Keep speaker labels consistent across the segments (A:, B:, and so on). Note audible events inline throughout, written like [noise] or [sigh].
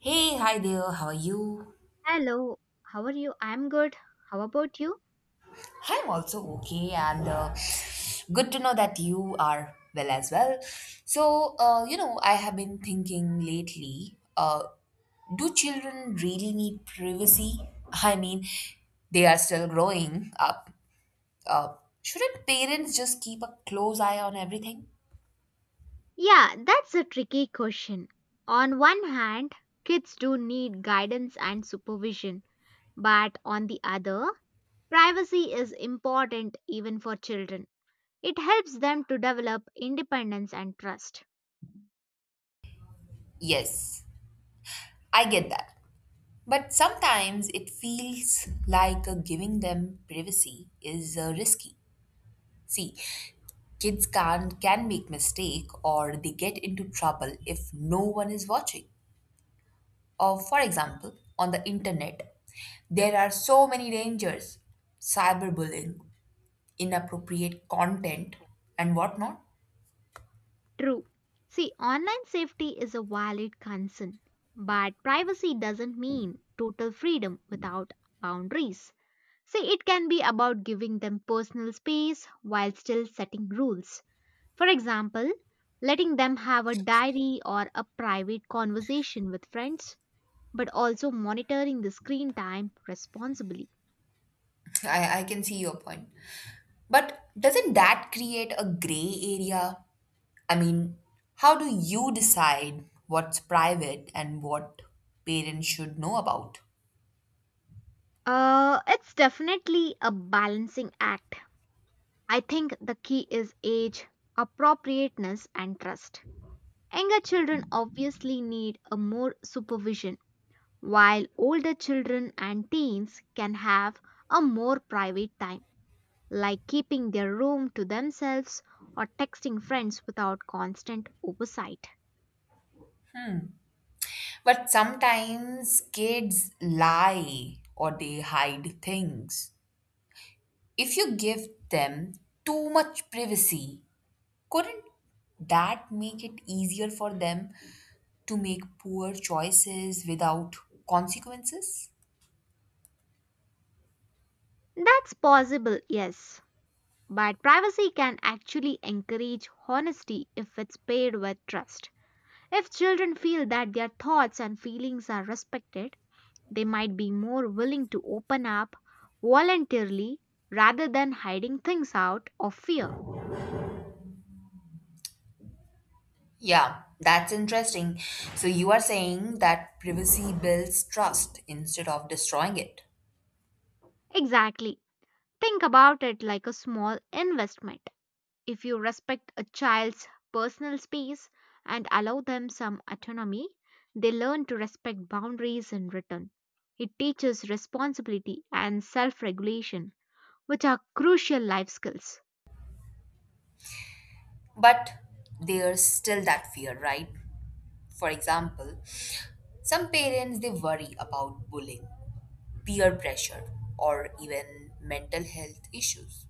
A: Hey, hi there, how are you?
B: Hello, how are you? I'm good. How about you?
A: I'm also okay, and good to know that you are well as well. So, I have been thinking lately do children really need privacy? I mean, they are still growing up. Uh, shouldn't parents just keep a close eye on everything?
B: Yeah, that's a tricky question. On one hand, kids do need guidance and supervision, but on the other, privacy is important even for children. It helps them to develop independence and trust.
A: Yes, I get that. But sometimes it feels like giving them privacy is risky. See, kids can make mistake or they get into trouble if no one is watching. Or for example, on the internet, there are so many dangers. Cyberbullying, inappropriate content and whatnot.
B: True. See, online safety is a valid concern, but privacy doesn't mean total freedom without boundaries. See, it can be about giving them personal space while still setting rules. For example, letting them have a diary or a private conversation with friends, but also monitoring the screen time responsibly.
A: [laughs] I can see your point. But doesn't that create a gray area? I mean, how do you decide what's private and what parents should know about?
B: It's definitely a balancing act. I think the key is age, appropriateness, and trust. Younger children obviously need a more supervision, while older children and teens can have a more private time, like keeping their room to themselves or texting friends without constant oversight.
A: But sometimes kids lie or they hide things. If you give them too much privacy, couldn't that make it easier for them to make poor choices without consequences?
B: That's possible, yes, but privacy can actually encourage honesty if it's paired with trust. If children feel that their thoughts and feelings are respected, they might be more willing to open up voluntarily rather than hiding things out of fear.
A: Yeah, that's interesting. So you are saying that privacy builds trust instead of destroying it.
B: Exactly. Think about it like a small investment. If you respect a child's personal space and allow them some autonomy, they learn to respect boundaries in return. It teaches responsibility and self regulation, which are crucial life skills.
A: But there's still that fear, right? For example, some parents they worry about bullying, peer pressure, or even mental health issues.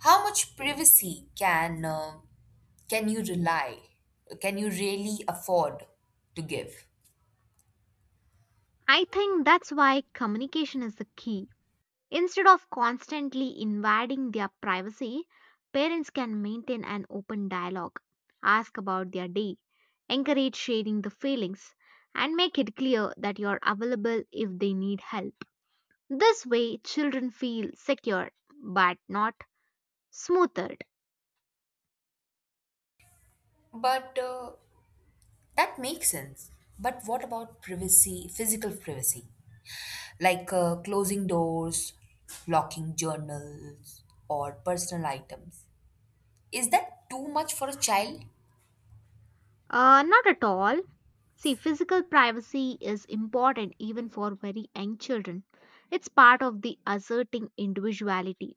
A: How much privacy can you rely? Can you really afford to give?
B: I think that's why communication is the key. Instead of constantly invading their privacy, parents can maintain an open dialogue, ask about their day, encourage sharing the feelings, and make it clear that you're available if they need help. This way, children feel secure but not smothered.
A: But that makes sense. But what about privacy, physical privacy? Like closing doors, locking journals, or personal items. Is that too much for a child?
B: Not at all. See, physical privacy is important even for very young children. It's part of the asserting individuality.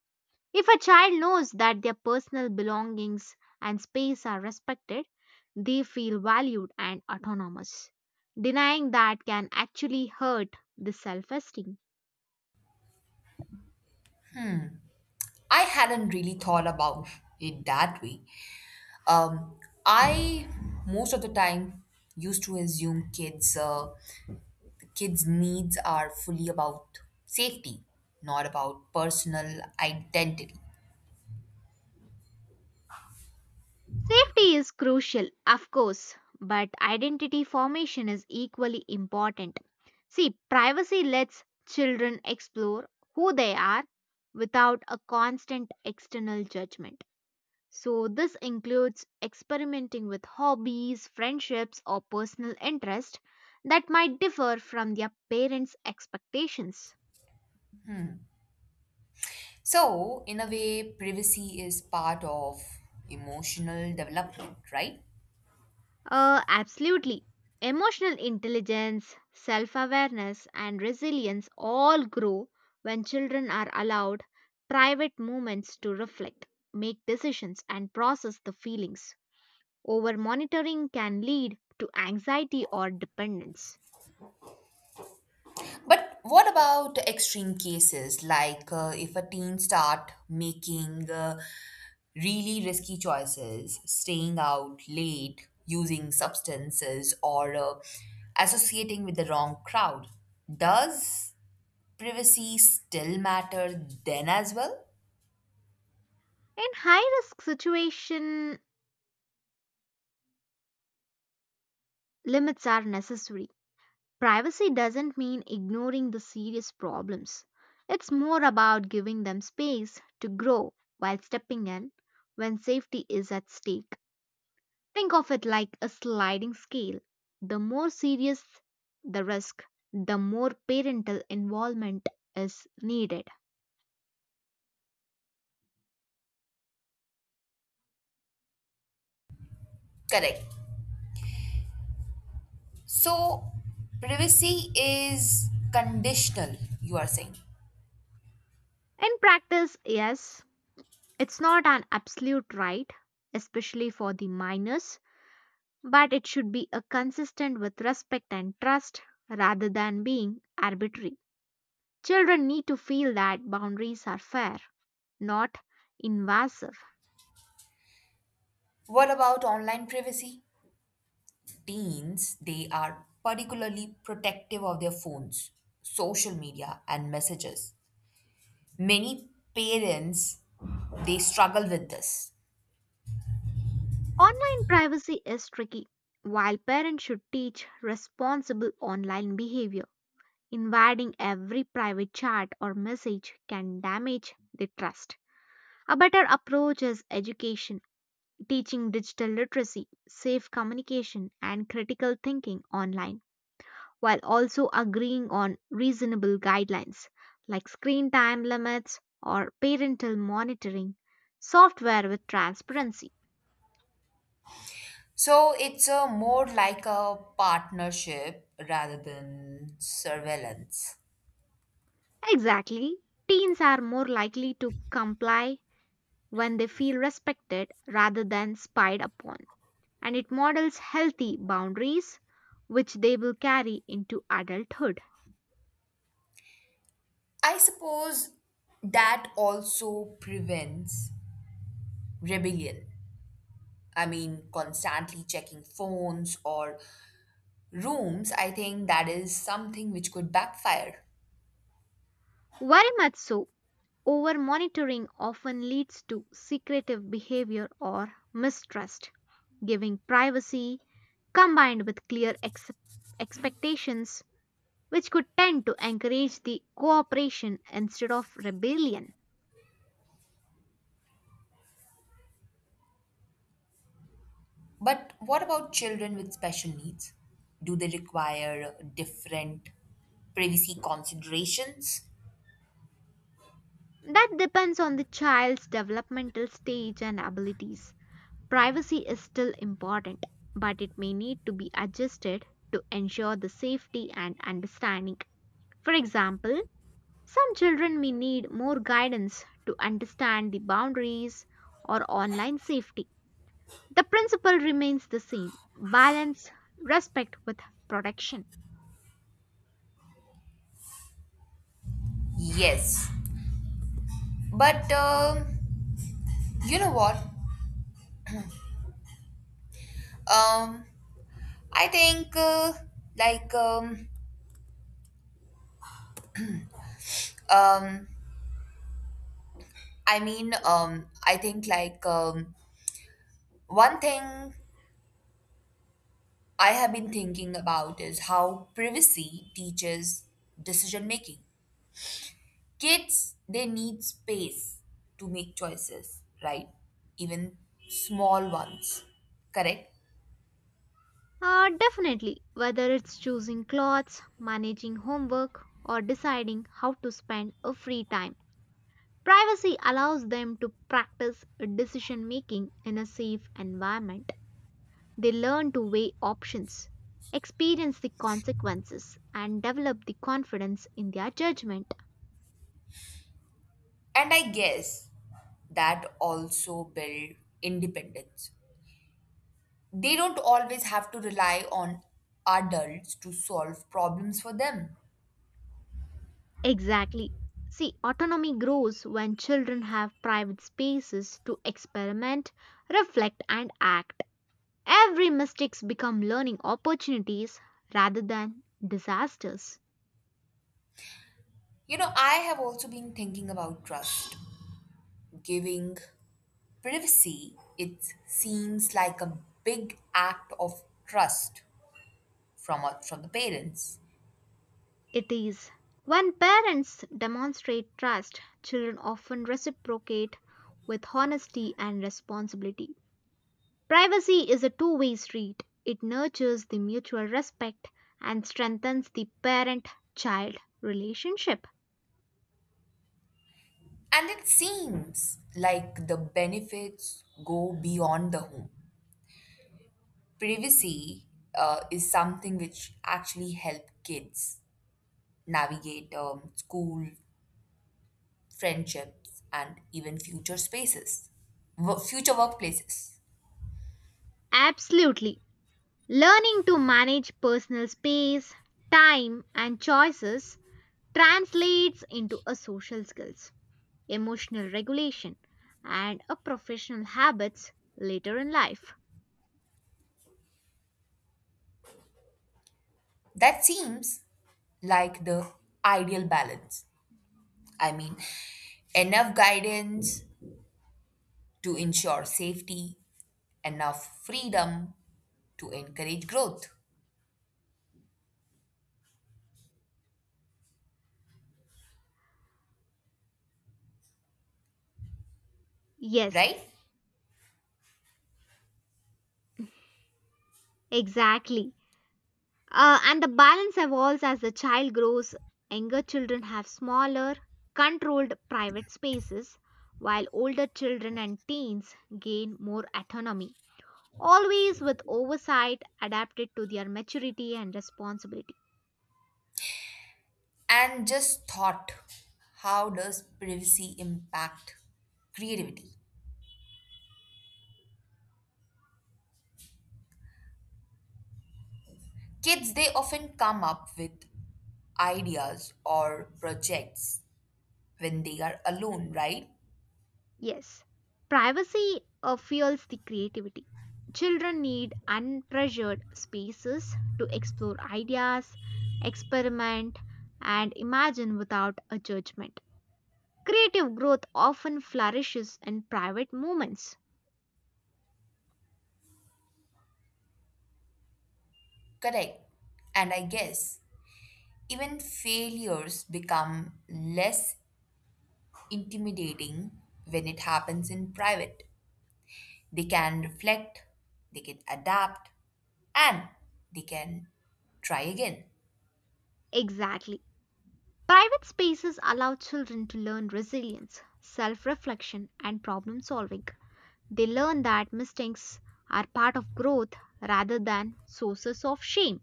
B: If a child knows that their personal belongings and space are respected, they feel valued and autonomous. Denying that can actually hurt the self esteem.
A: I hadn't really thought about it that way. Um, I most of the time used to assume kids, the kids' needs are fully about safety, not about personal identity.
B: Safety is crucial, of course, but identity formation is equally important. See, privacy lets children explore who they are without a constant external judgment. So, this includes experimenting with hobbies, friendships, or personal interests that might differ from their parents' expectations.
A: So, in a way, privacy is part of emotional development, right?
B: Absolutely. Emotional intelligence, self awareness, and resilience all grow when children are allowed private moments to reflect, make decisions, and process the feelings. Over monitoring can lead to anxiety or dependence.
A: But what about extreme cases like if a teen start making really risky choices, staying out late, using substances, or associating with the wrong crowd? Does privacy still matter then as well?
B: In high risk situation, limits are necessary. Privacy doesn't mean ignoring the serious problems. It's more about giving them space to grow while stepping in when safety is at stake. Think of it like a sliding scale. The more serious the risk, the more parental involvement is needed.
A: Correct. So, privacy is conditional, you are saying.
B: In practice, yes, it's not an absolute right, especially for the minors, but it should be a consistent with respect and trust rather than being arbitrary. Children need to feel that boundaries are fair, not invasive.
A: What about online privacy? Teens, they are particularly protective of their phones, social media, and messages. Many parents, they struggle with this.
B: Online privacy is tricky, while parents should teach responsible online behavior. Invading every private chat or message can damage the trust. A better approach is education, teaching digital literacy, safe communication, and critical thinking online, while also agreeing on reasonable guidelines like screen time limits or parental monitoring, software with transparency.
A: So it's a more like a partnership rather than surveillance.
B: Exactly, teens are more likely to comply when they feel respected rather than spied upon, and it models healthy boundaries which they will carry into adulthood.
A: I suppose that also prevents rebellion. I mean, constantly checking phones or rooms, I think that is something which could backfire.
B: Very much so, over monitoring often leads to secretive behavior or mistrust. Giving privacy combined with clear expectations, which could tend to encourage the cooperation instead of rebellion.
A: But what about children with special needs? Do they require different privacy considerations?
B: That depends on the child's developmental stage and abilities. Privacy is still important, but it may need to be adjusted to ensure the safety and understanding. For example, some children may need more guidance to understand the boundaries or online safety. The principle remains the same balance, respect with protection.
A: Yes. But you know what? Um, I think like um, I mean I think like one thing I have been thinking about is how privacy teaches decision making. Kids, they need space to make choices, right? Even small ones, correct?
B: Definitely, whether it's choosing clothes, managing homework, or deciding how to spend a free time, privacy allows them to practice decision making in a safe environment. They learn to weigh options, experience the consequences, and develop the confidence in their judgment.
A: And I guess that also build independence. They don't always have to rely on adults to solve problems for them.
B: Exactly. See, autonomy grows when children have private spaces to experiment, reflect, and act. Every mistakes become learning opportunities rather than disasters.
A: You know, I have also been thinking about trust. Giving privacy, it seems like a big act of trust from from the parents.
B: It is when parents demonstrate trust, children often reciprocate with honesty and responsibility. Privacy is a two-way street. It nurtures the mutual respect and strengthens the parent-child relationship.
A: And it seems like the benefits go beyond the home. Privacy is something which actually help kids navigate school, friendships, and even future spaces, future workplaces.
B: Absolutely. Learning to manage personal space, time, and choices translates into a social skills, emotional regulation, and a professional habits later in life.
A: That seems like the ideal balance. I mean, enough guidance to ensure safety, enough freedom to encourage growth,
B: Yes,
A: right?
B: exactly. And the balance evolves as the child grows. Younger children have smaller, controlled private spaces, while older children and teens gain more autonomy, always with oversight adapted to their maturity and responsibility.
A: And just thought, how does privacy impact creativity? Kids, they often come up with ideas or projects when they are alone, right?
B: Yes, privacy fuels the creativity. Children need unpressured spaces to explore ideas, experiment, and imagine without a judgment. Creative growth often flourishes in private moments.
A: Correct. And I guess even failures become less intimidating when it happens in private. They can reflect, they can adapt, and they can try again.
B: Exactly. Private spaces allow children to learn resilience, self reflection, and problem solving. They learn that mistakes are part of growth rather than sources of shame.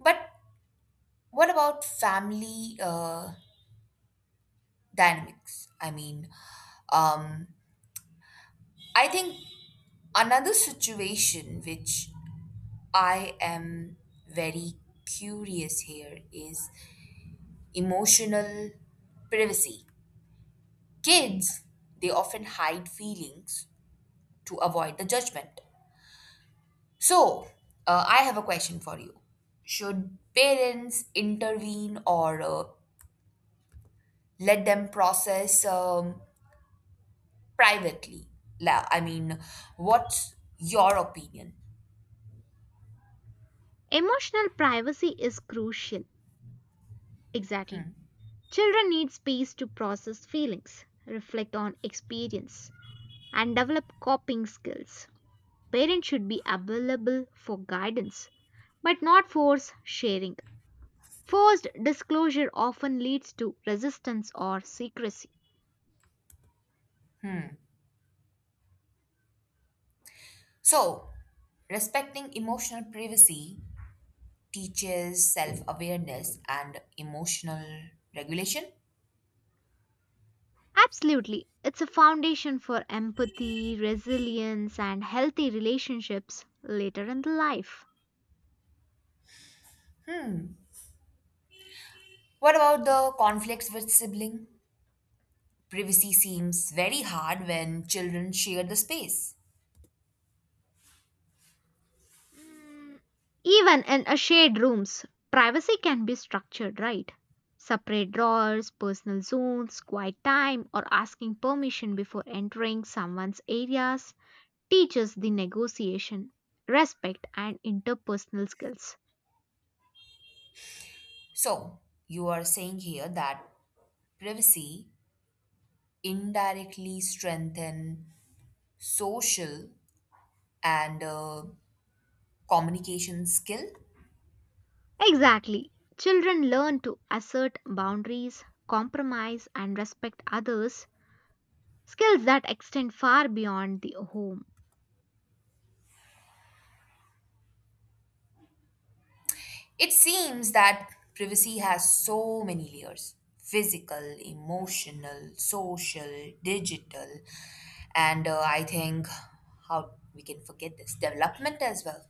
A: But what about family dynamics. I mean, um, I think another situation which I am very curious here is emotional privacy. Kids, they often hide feelings to avoid the judgment. So, I have a question for you. Should parents intervene or let them process privately? I mean, what's your opinion?
B: Emotional privacy is crucial. Exactly. Children need space to process feelings, reflect on experience, and develop coping skills. Parents should be available for guidance, but not force sharing. Forced disclosure often leads to resistance or secrecy.
A: So, respecting emotional privacy teaches self awareness and emotional regulation.
B: Absolutely. It's a foundation for empathy, resilience, and healthy relationships later in the life.
A: What about the conflicts with sibling? Privacy seems very hard when children share the space.
B: Mm, even in a shared rooms, privacy can be structured, right? Separate drawers, personal zones, quiet time, or asking permission before entering someone's areas teaches the negotiation, respect, and interpersonal skills.
A: So, you are saying here that privacy indirectly strengthen social and communication skill?
B: Exactly. Children learn to assert boundaries, compromise, and respect others skills that extend far beyond the home.
A: It seems that privacy has so many layers physical, emotional, social, digital, and I think how we can forget this development as well.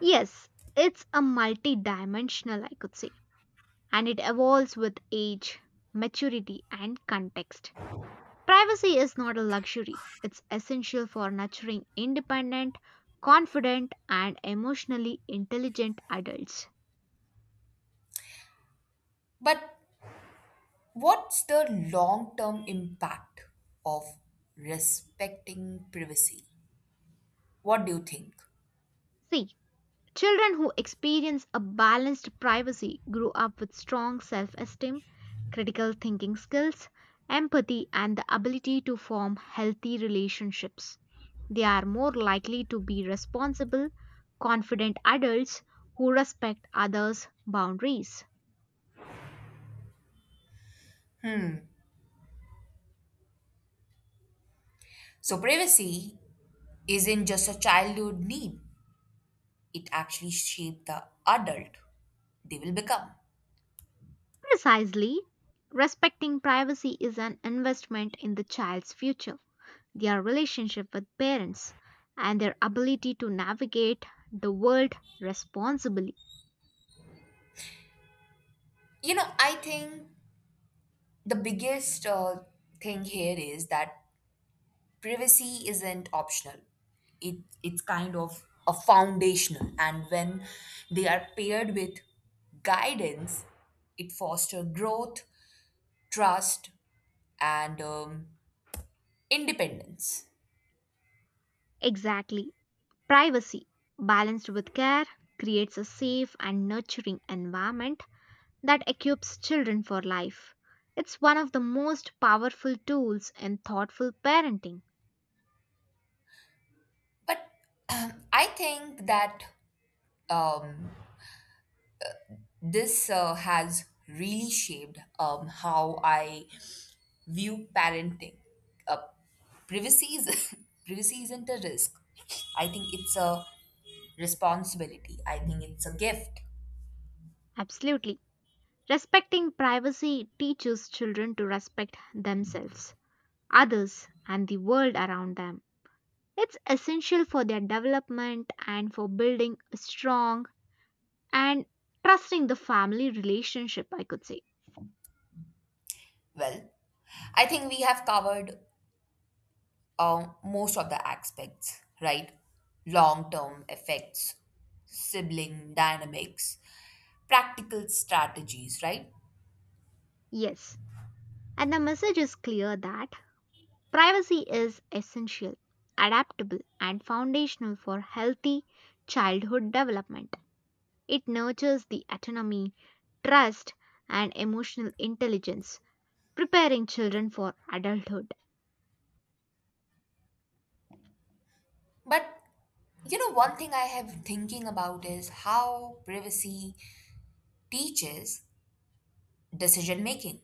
B: Yes, it's a multidimensional, I could say, and it evolves with age, maturity, and context. Privacy is not a luxury, it's essential for nurturing independent, confident, and emotionally intelligent adults.
A: But what's the long term impact of respecting privacy? What do you think?
B: See, children who experience a balanced privacy grow up with strong self esteem, critical thinking skills, empathy, and the ability to form healthy relationships. They are more likely to be responsible, confident adults who respect others' boundaries.
A: So, privacy isn't just a childhood need, it actually shaped the adult they will become.
B: Precisely, respecting privacy is an investment in the child's future, their relationship with parents, and their ability to navigate the world responsibly.
A: You know, I think the biggest thing here is that privacy isn't optional. It it's kind of a foundational, and when they are paired with guidance, it fosters growth, trust, and independence.
B: Exactly. Privacy, balanced with care, creates a safe and nurturing environment that equips children for life. It's one of the most powerful tools in thoughtful parenting.
A: But [clears throat] I think that um, this has really shaped how I view parenting. Uh, Privacy is [laughs] privacy isn't a risk. I think it's a responsibility. I think it's a gift.
B: Absolutely. Respecting privacy teaches children to respect themselves, others, and the world around them. It's essential for their development and for building a strong and trusting the family relationship, I could say.
A: Well, I think we have covered most of the aspects, right? Long term effects, sibling dynamics, practical strategies, right?
B: Yes. And the message is clear that privacy is essential, adaptable, and foundational for healthy childhood development. It nurtures the autonomy, trust, and emotional intelligence, preparing children for adulthood.
A: But you know, one thing I have thinking about is how privacy teaches decision making.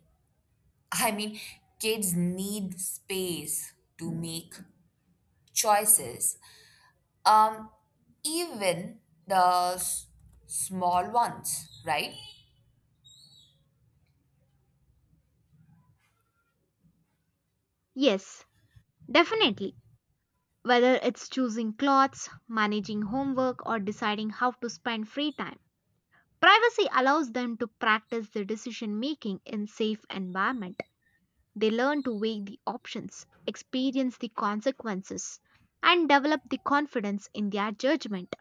A: [laughs] I mean, kids need space to make choices, um, even the small ones, right?
B: Yes, definitely. Whether it's choosing clothes, managing homework, or deciding how to spend free time, privacy allows them to practice their decision making in safe environment. They learn to weigh the options, experience the consequences, and develop the confidence in their judgment.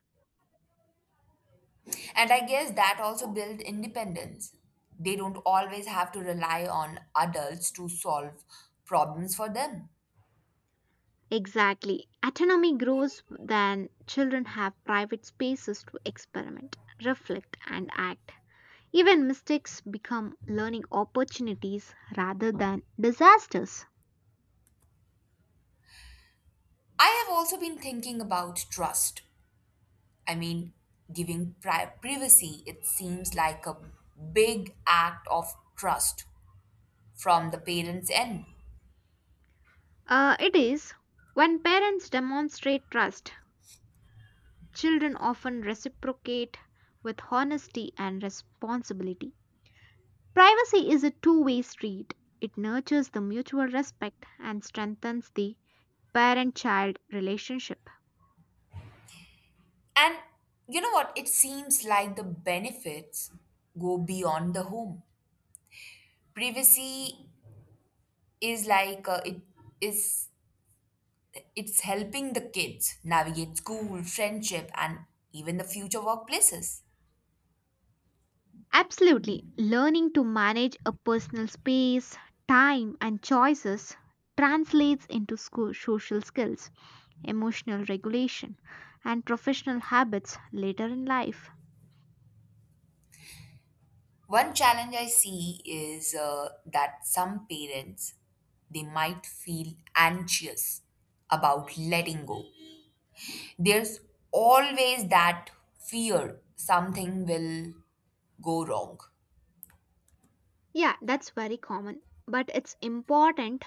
A: And I guess that also builds independence. They don't always have to rely on adults to solve problems for them.
B: Exactly. Autonomy grows when children have private spaces to experiment, reflect, and act. Even mistakes become learning opportunities rather than disasters.
A: I have also been thinking about trust. I mean, giving privacy, it seems like a big act of trust from the parents' end.
B: It is when parents demonstrate trust, children often reciprocate with honesty and responsibility. Privacy is a two-way street. It nurtures the mutual respect and strengthens the parent child relationship.
A: And you know what? It seems like the benefits go beyond the home. Privacy is like is it's helping the kids navigate school, friendship, and even the future workplaces.
B: Absolutely, learning to manage a personal space, time, and choices translates into social skills, emotional regulation, and professional habits later in life.
A: One challenge I see is that some parents they might feel anxious about letting go. There's always that fear something will go wrong.
B: Yeah, that's very common, but it's important.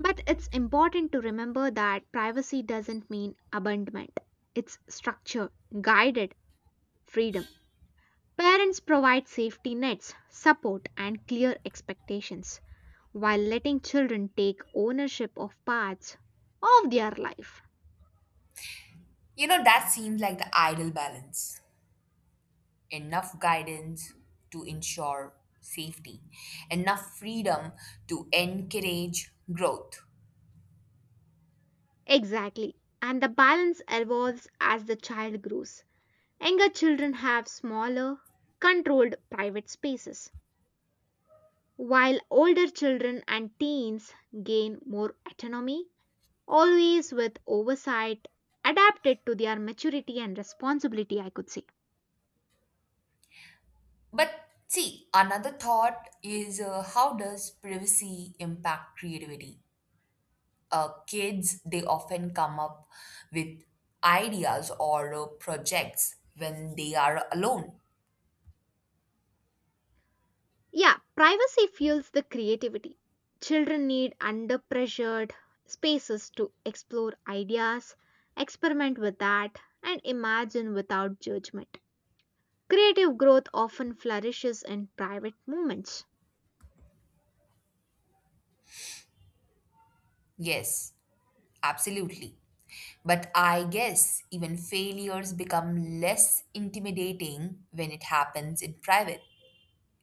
B: But it's important to remember that privacy doesn't mean abandonment. It's structure, guided freedom. Parents provide safety nets, support, and clear expectations while letting children take ownership of parts of their life.
A: You know that seems like the ideal balance. Enough guidance to ensure safety, enough freedom to encourage growth.
B: Exactly. And the balance evolves as the child grows. Younger children have smaller, controlled private spaces, while older children and teens gain more autonomy, always with oversight adapted to their maturity and responsibility, I could say.
A: But see, another thought is how does privacy impact creativity? Kids, they often come up with ideas or projects when they are alone.
B: Yeah, privacy fuels the creativity. Children need under pressured spaces to explore ideas, experiment with that, and imagine without judgment. Creative growth often flourishes in private moments.
A: Yes, absolutely. But I guess even failures become less intimidating when it happens in private.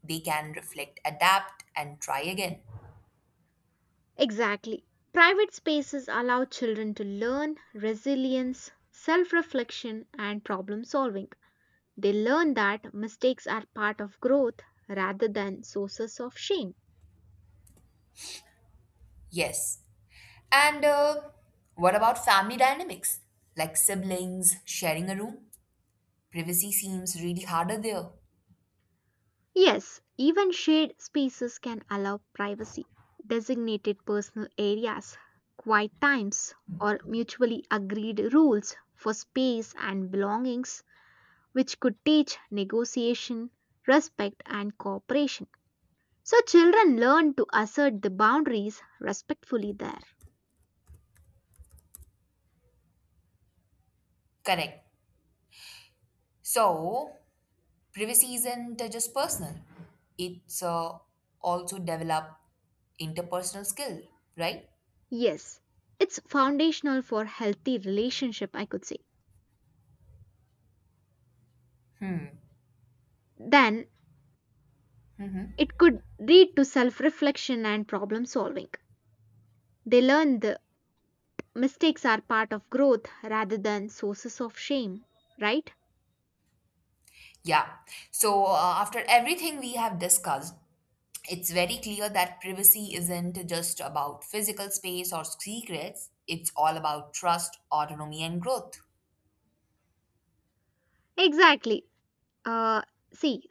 A: They can reflect, adapt, and try again.
B: Exactly. Private spaces allow children to learn resilience, self reflection, and problem solving. They learn that mistakes are part of growth rather than sources of shame.
A: Yes. And what about family dynamics? Like siblings sharing a room? Privacy seems really harder there.
B: Yes, even shared spaces can allow privacy, designated personal areas, quiet times, or mutually agreed rules for space and belongings, which could teach negotiation, respect, and cooperation. So, children learn to assert the boundaries respectfully there.
A: Correct. So, privacy isn't just personal, it's also develop interpersonal skill, right?
B: Yes, it's foundational for healthy relationship, I could say. Then, it could lead to self reflection and problem solving. They learn the mistakes are part of growth rather than sources of shame, right?
A: Yeah. So, after everything we have discussed, it's very clear that privacy isn't just about physical space or secrets, it's all about trust, autonomy, and growth.
B: Exactly. Uh, see,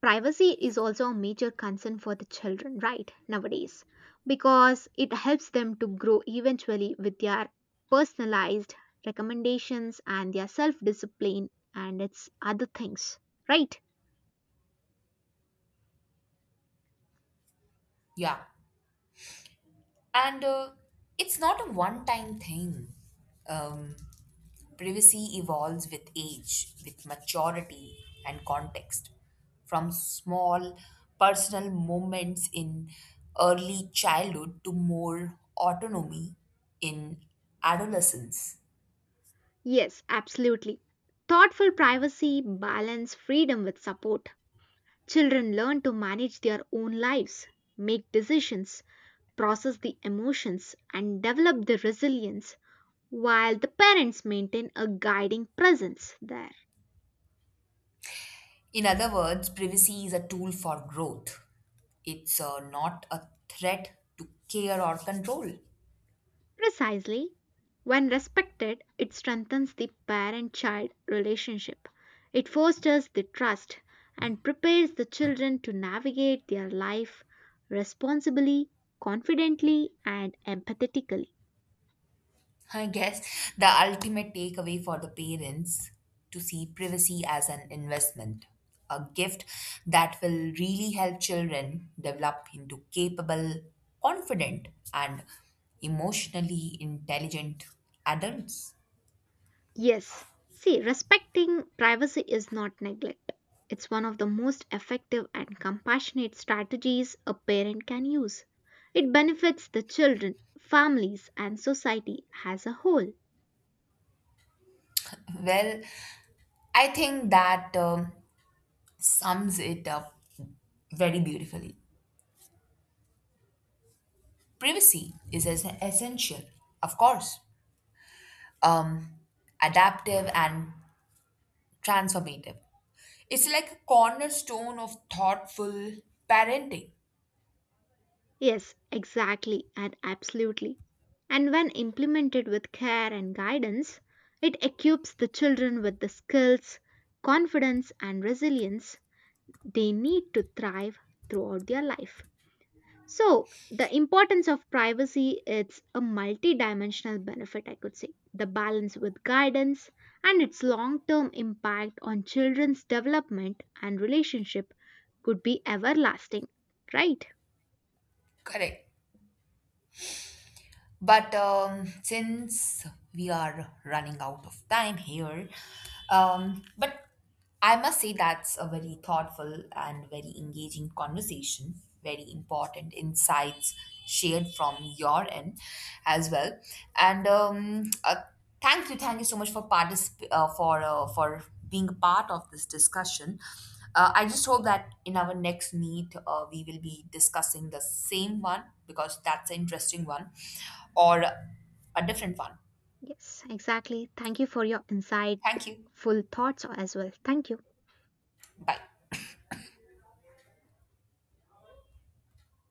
B: privacy is also a major concern for the children, right, nowadays, because it helps them to grow eventually with their personalized recommendations and their self discipline and its other things, right?
A: Yeah. And it's not a one time thing. Um, Privacy evolves with age, with maturity and context. From small personal moments in early childhood to more autonomy in adolescence.
B: Yes, absolutely. Thoughtful privacy balance freedom with support. Children learn to manage their own lives, make decisions, process the emotions, and develop the resilience while the parents maintain a guiding presence there.
A: In other words, privacy is a tool for growth. It's not a threat to care or control.
B: Precisely, when respected, it strengthens the parent child relationship. It fosters the trust and prepares the children to navigate their life responsibly, confidently, and empathetically.
A: I guess the ultimate takeaway for the parents to see privacy as an investment, a gift that will really help children develop into capable, confident, and emotionally intelligent adults.
B: Yes. See, respecting privacy is not neglect. It's one of the most effective and compassionate strategies a parent can use. It benefits the children, families, and society as a whole.
A: Well, I think that sums it up very beautifully. Privacy is essential, of course, um, adaptive and transformative. It's like a cornerstone of thoughtful parenting.
B: Yes, exactly and absolutely. And when implemented with care and guidance, it equips the children with the skills, confidence, and resilience they need to thrive throughout their life. So, the importance of privacy, it's a multi-dimensional benefit, I could say. The balance with guidance and its long-term impact on children's development and relationship could be everlasting, right?
A: Correct. But since we are running out of time here, but I must say that's a very thoughtful and very engaging conversation, very important insights shared from your end as well. And thank you, thank you so much for for being a part of this discussion. I just hope that in our next meet we will be discussing the same one because that's an interesting one, or a different one.
B: Yes, exactly. Thank you for your insightful
A: Thank you.
B: thoughts as well. Thank you.
A: Bye.